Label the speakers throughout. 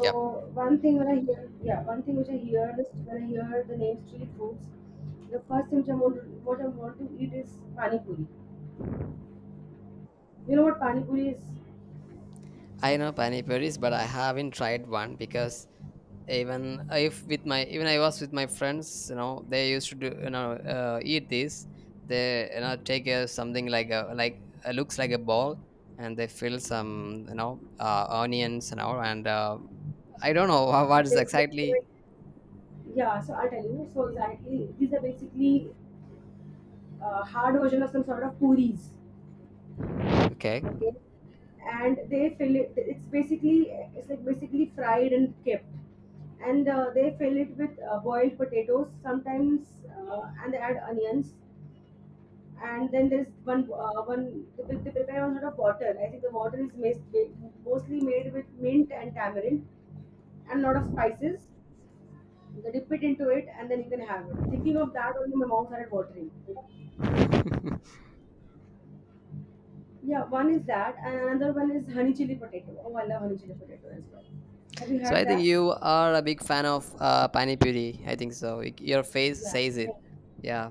Speaker 1: Yep. I know pani puris, but I haven't tried one because even if with my even I was with my friends, they used to do you know eat this. They take a, something like a like looks like a ball, and they fill some onions and all. And I don't know what is exactly. Okay, so I think you are a big fan of pani puri. I think so. Your face says it. Yeah,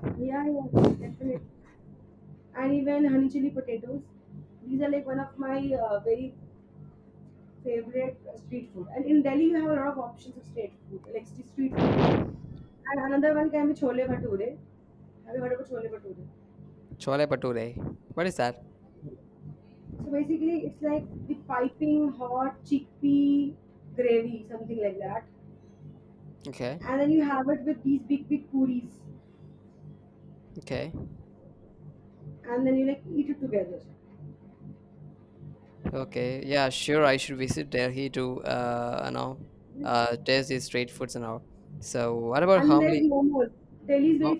Speaker 1: chole pature. What is that? Okay, okay. Okay, yeah, sure. I should visit Delhi to, taste these street foods and all. So, what about Hamli? Mo-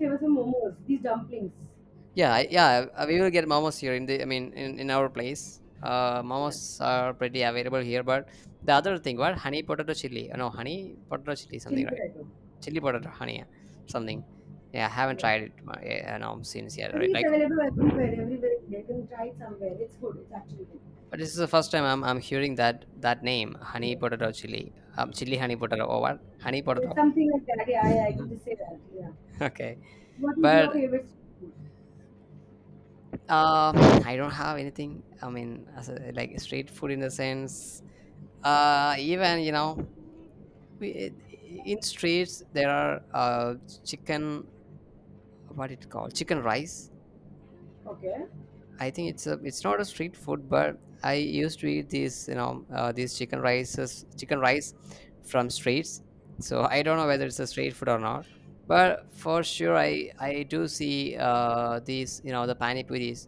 Speaker 1: yeah, yeah, we will get momos here in the, I mean, in our place. Momos are pretty available here, but the other thing, what? Honey potato chili. No, honey potato chili, something, right? Chili potato, honey, yeah, something. Yeah, I haven't tried it, yeah, no, since yet, right? Like, but this is the first time I'm hearing that name, honey potato chili, chili honey potato or what? Honey potato. Mhm. Okay, but um I don't have anything, I mean, as a, like street food in the sense. Even you know we, it- in streets there are chicken, what it called, chicken rice. I think it's not a street food, but I used to eat these, these chicken rice from streets. So I don't know whether it's a street food or not, but for sure I do see these, the pani puris,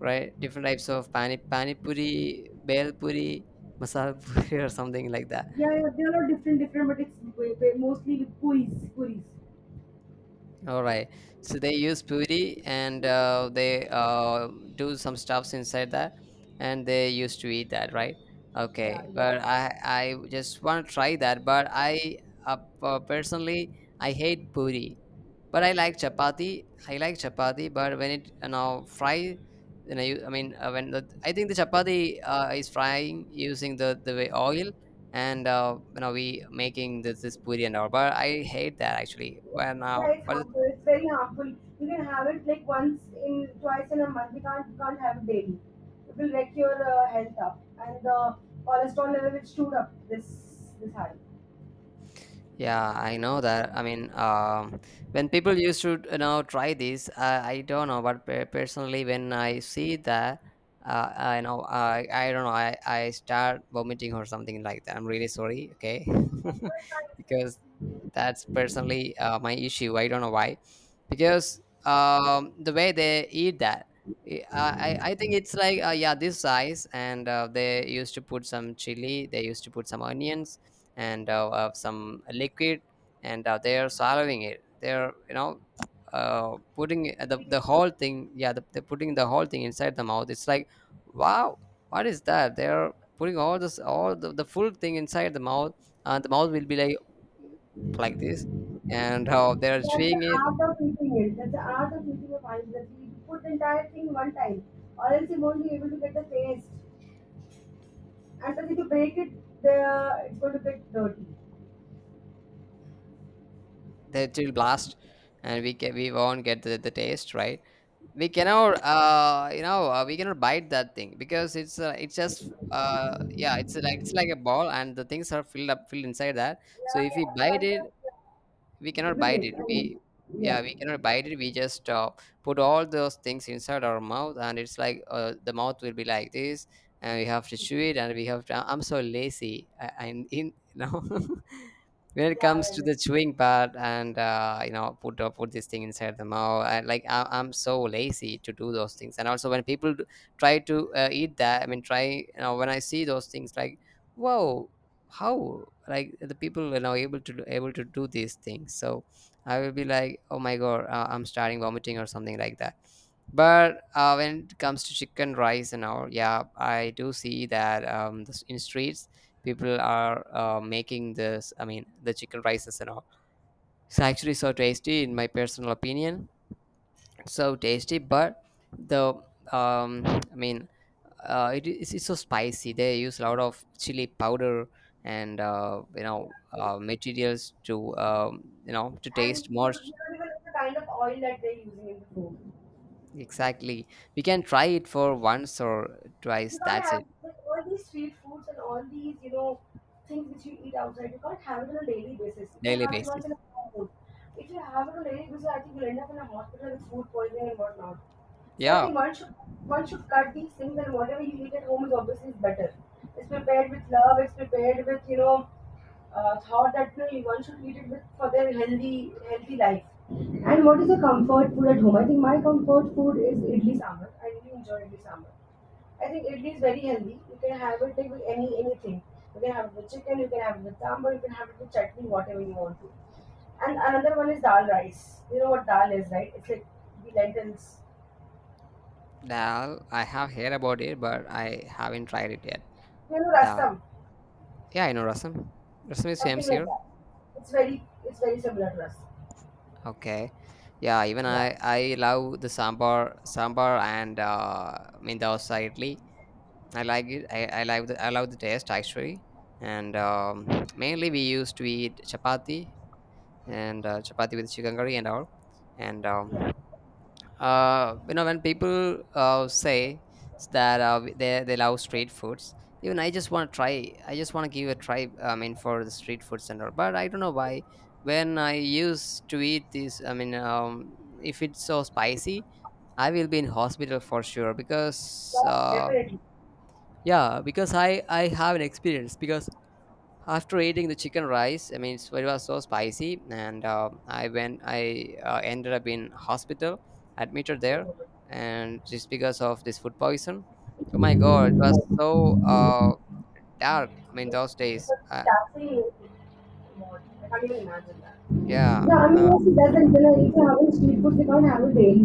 Speaker 1: right? Different types of pani puri, bel puri, masala puri, or something like that. All right. So they use puri and they do some stuffs inside that, and they used to eat that, right? Okay, but I just want to try that, but I, personally, I hate puri. But I like chapati. I like chapati, but when it, fry, you know, you, I mean, when the, I think the chapati is frying using the way oil, and you know, we making this puri and all. But I hate that actually. When but the yeah, I know that. I mean, when people used to, you know, try this, I don't know, but personally, when I see that, I know, I don't know, I start vomiting or something like that. I'm really sorry, okay? Because that's personally my issue. I don't know why. Because the way they eat that, I, I think it's like, yeah, this size, and they used to put some chili, they used to put some onions and some liquid, and they are swallowing it, they're, putting the whole thing, yeah, they're putting the whole thing inside the mouth. It's like, wow, what is that? They're putting all the full thing inside the mouth, and the mouth will be like this. And how they're chewing it, they will blast, and we won't get the taste, right? We cannot, we cannot bite that thing because it's just, yeah, it's like, it's like a ball, and the things are filled inside that. So if we bite it, we cannot bite it, we yeah, we cannot bite it, we just, put all those things inside our mouth, and it's like, the mouth will be like this, and we have to chew it, and we have to, I'm so lazy, I'm in, when it comes to the chewing part, and, put, put this thing inside the mouth. I'm so lazy to do those things. And also when people try to eat that, I mean, try, when I see those things like, whoa, how like the people are now able to able to do these things. So I will be like, oh my god, I'm starting vomiting or something like that. But when it comes to chicken rice and all, yeah, I do see that. In streets, people are making this, I mean, the chicken rices and all. It's actually so tasty in my personal opinion, so tasty. But the I mean, it's so spicy, they use a lot of chili powder, and materials to, to taste more. Exactly, we can try it for once or twice, that's it. Daily basis, yeah. Dal, I have heard about it, but I haven't tried it yet. Dal. Yeah, I know Rasam. Rasam is famous here. Okay. Yeah, even I love the sambar and mindausa idli. I like it. I love the taste actually. And mainly we used to eat chapati and chapati with chicken curry and all. And you know, when people say that they love street foods, even I just want to try, I just want to give a try, I mean, for the street foods and all. But I don't know why when I used to eat this, I mean, if it's so spicy, I will be in hospital for sure, because yeah, because I have an experience, because after eating the chicken rice, I mean, it was so spicy, and I went, I ended up in hospital, admitted there, and just because of this food poison. Oh my god, it was so dark, I mean, those days, yeah
Speaker 2: No, I mean,
Speaker 1: uh,
Speaker 2: yes, it doesn't. You know, if you're having street food, you can't have it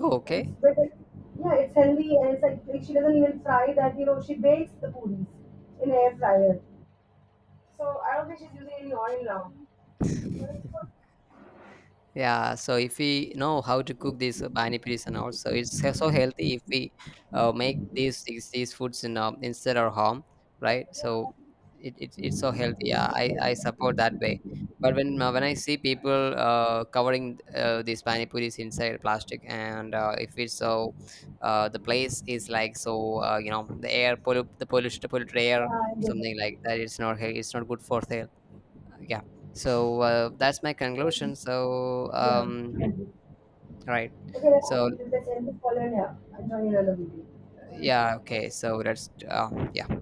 Speaker 1: oh, okay. Yeah, so if we know how to cook this, pani puris, and also it's so so healthy if we make these foods in, instead our home, right? So it, it's so healthy. Yeah, I support that way. But when I see people covering these pani puris inside plastic, and if it's so, the place is like so, the air pollu the polluted polluted air, something like that. It's not it's not good for health, yeah. So that's my conclusion. So right. So yeah, okay, so that's yeah.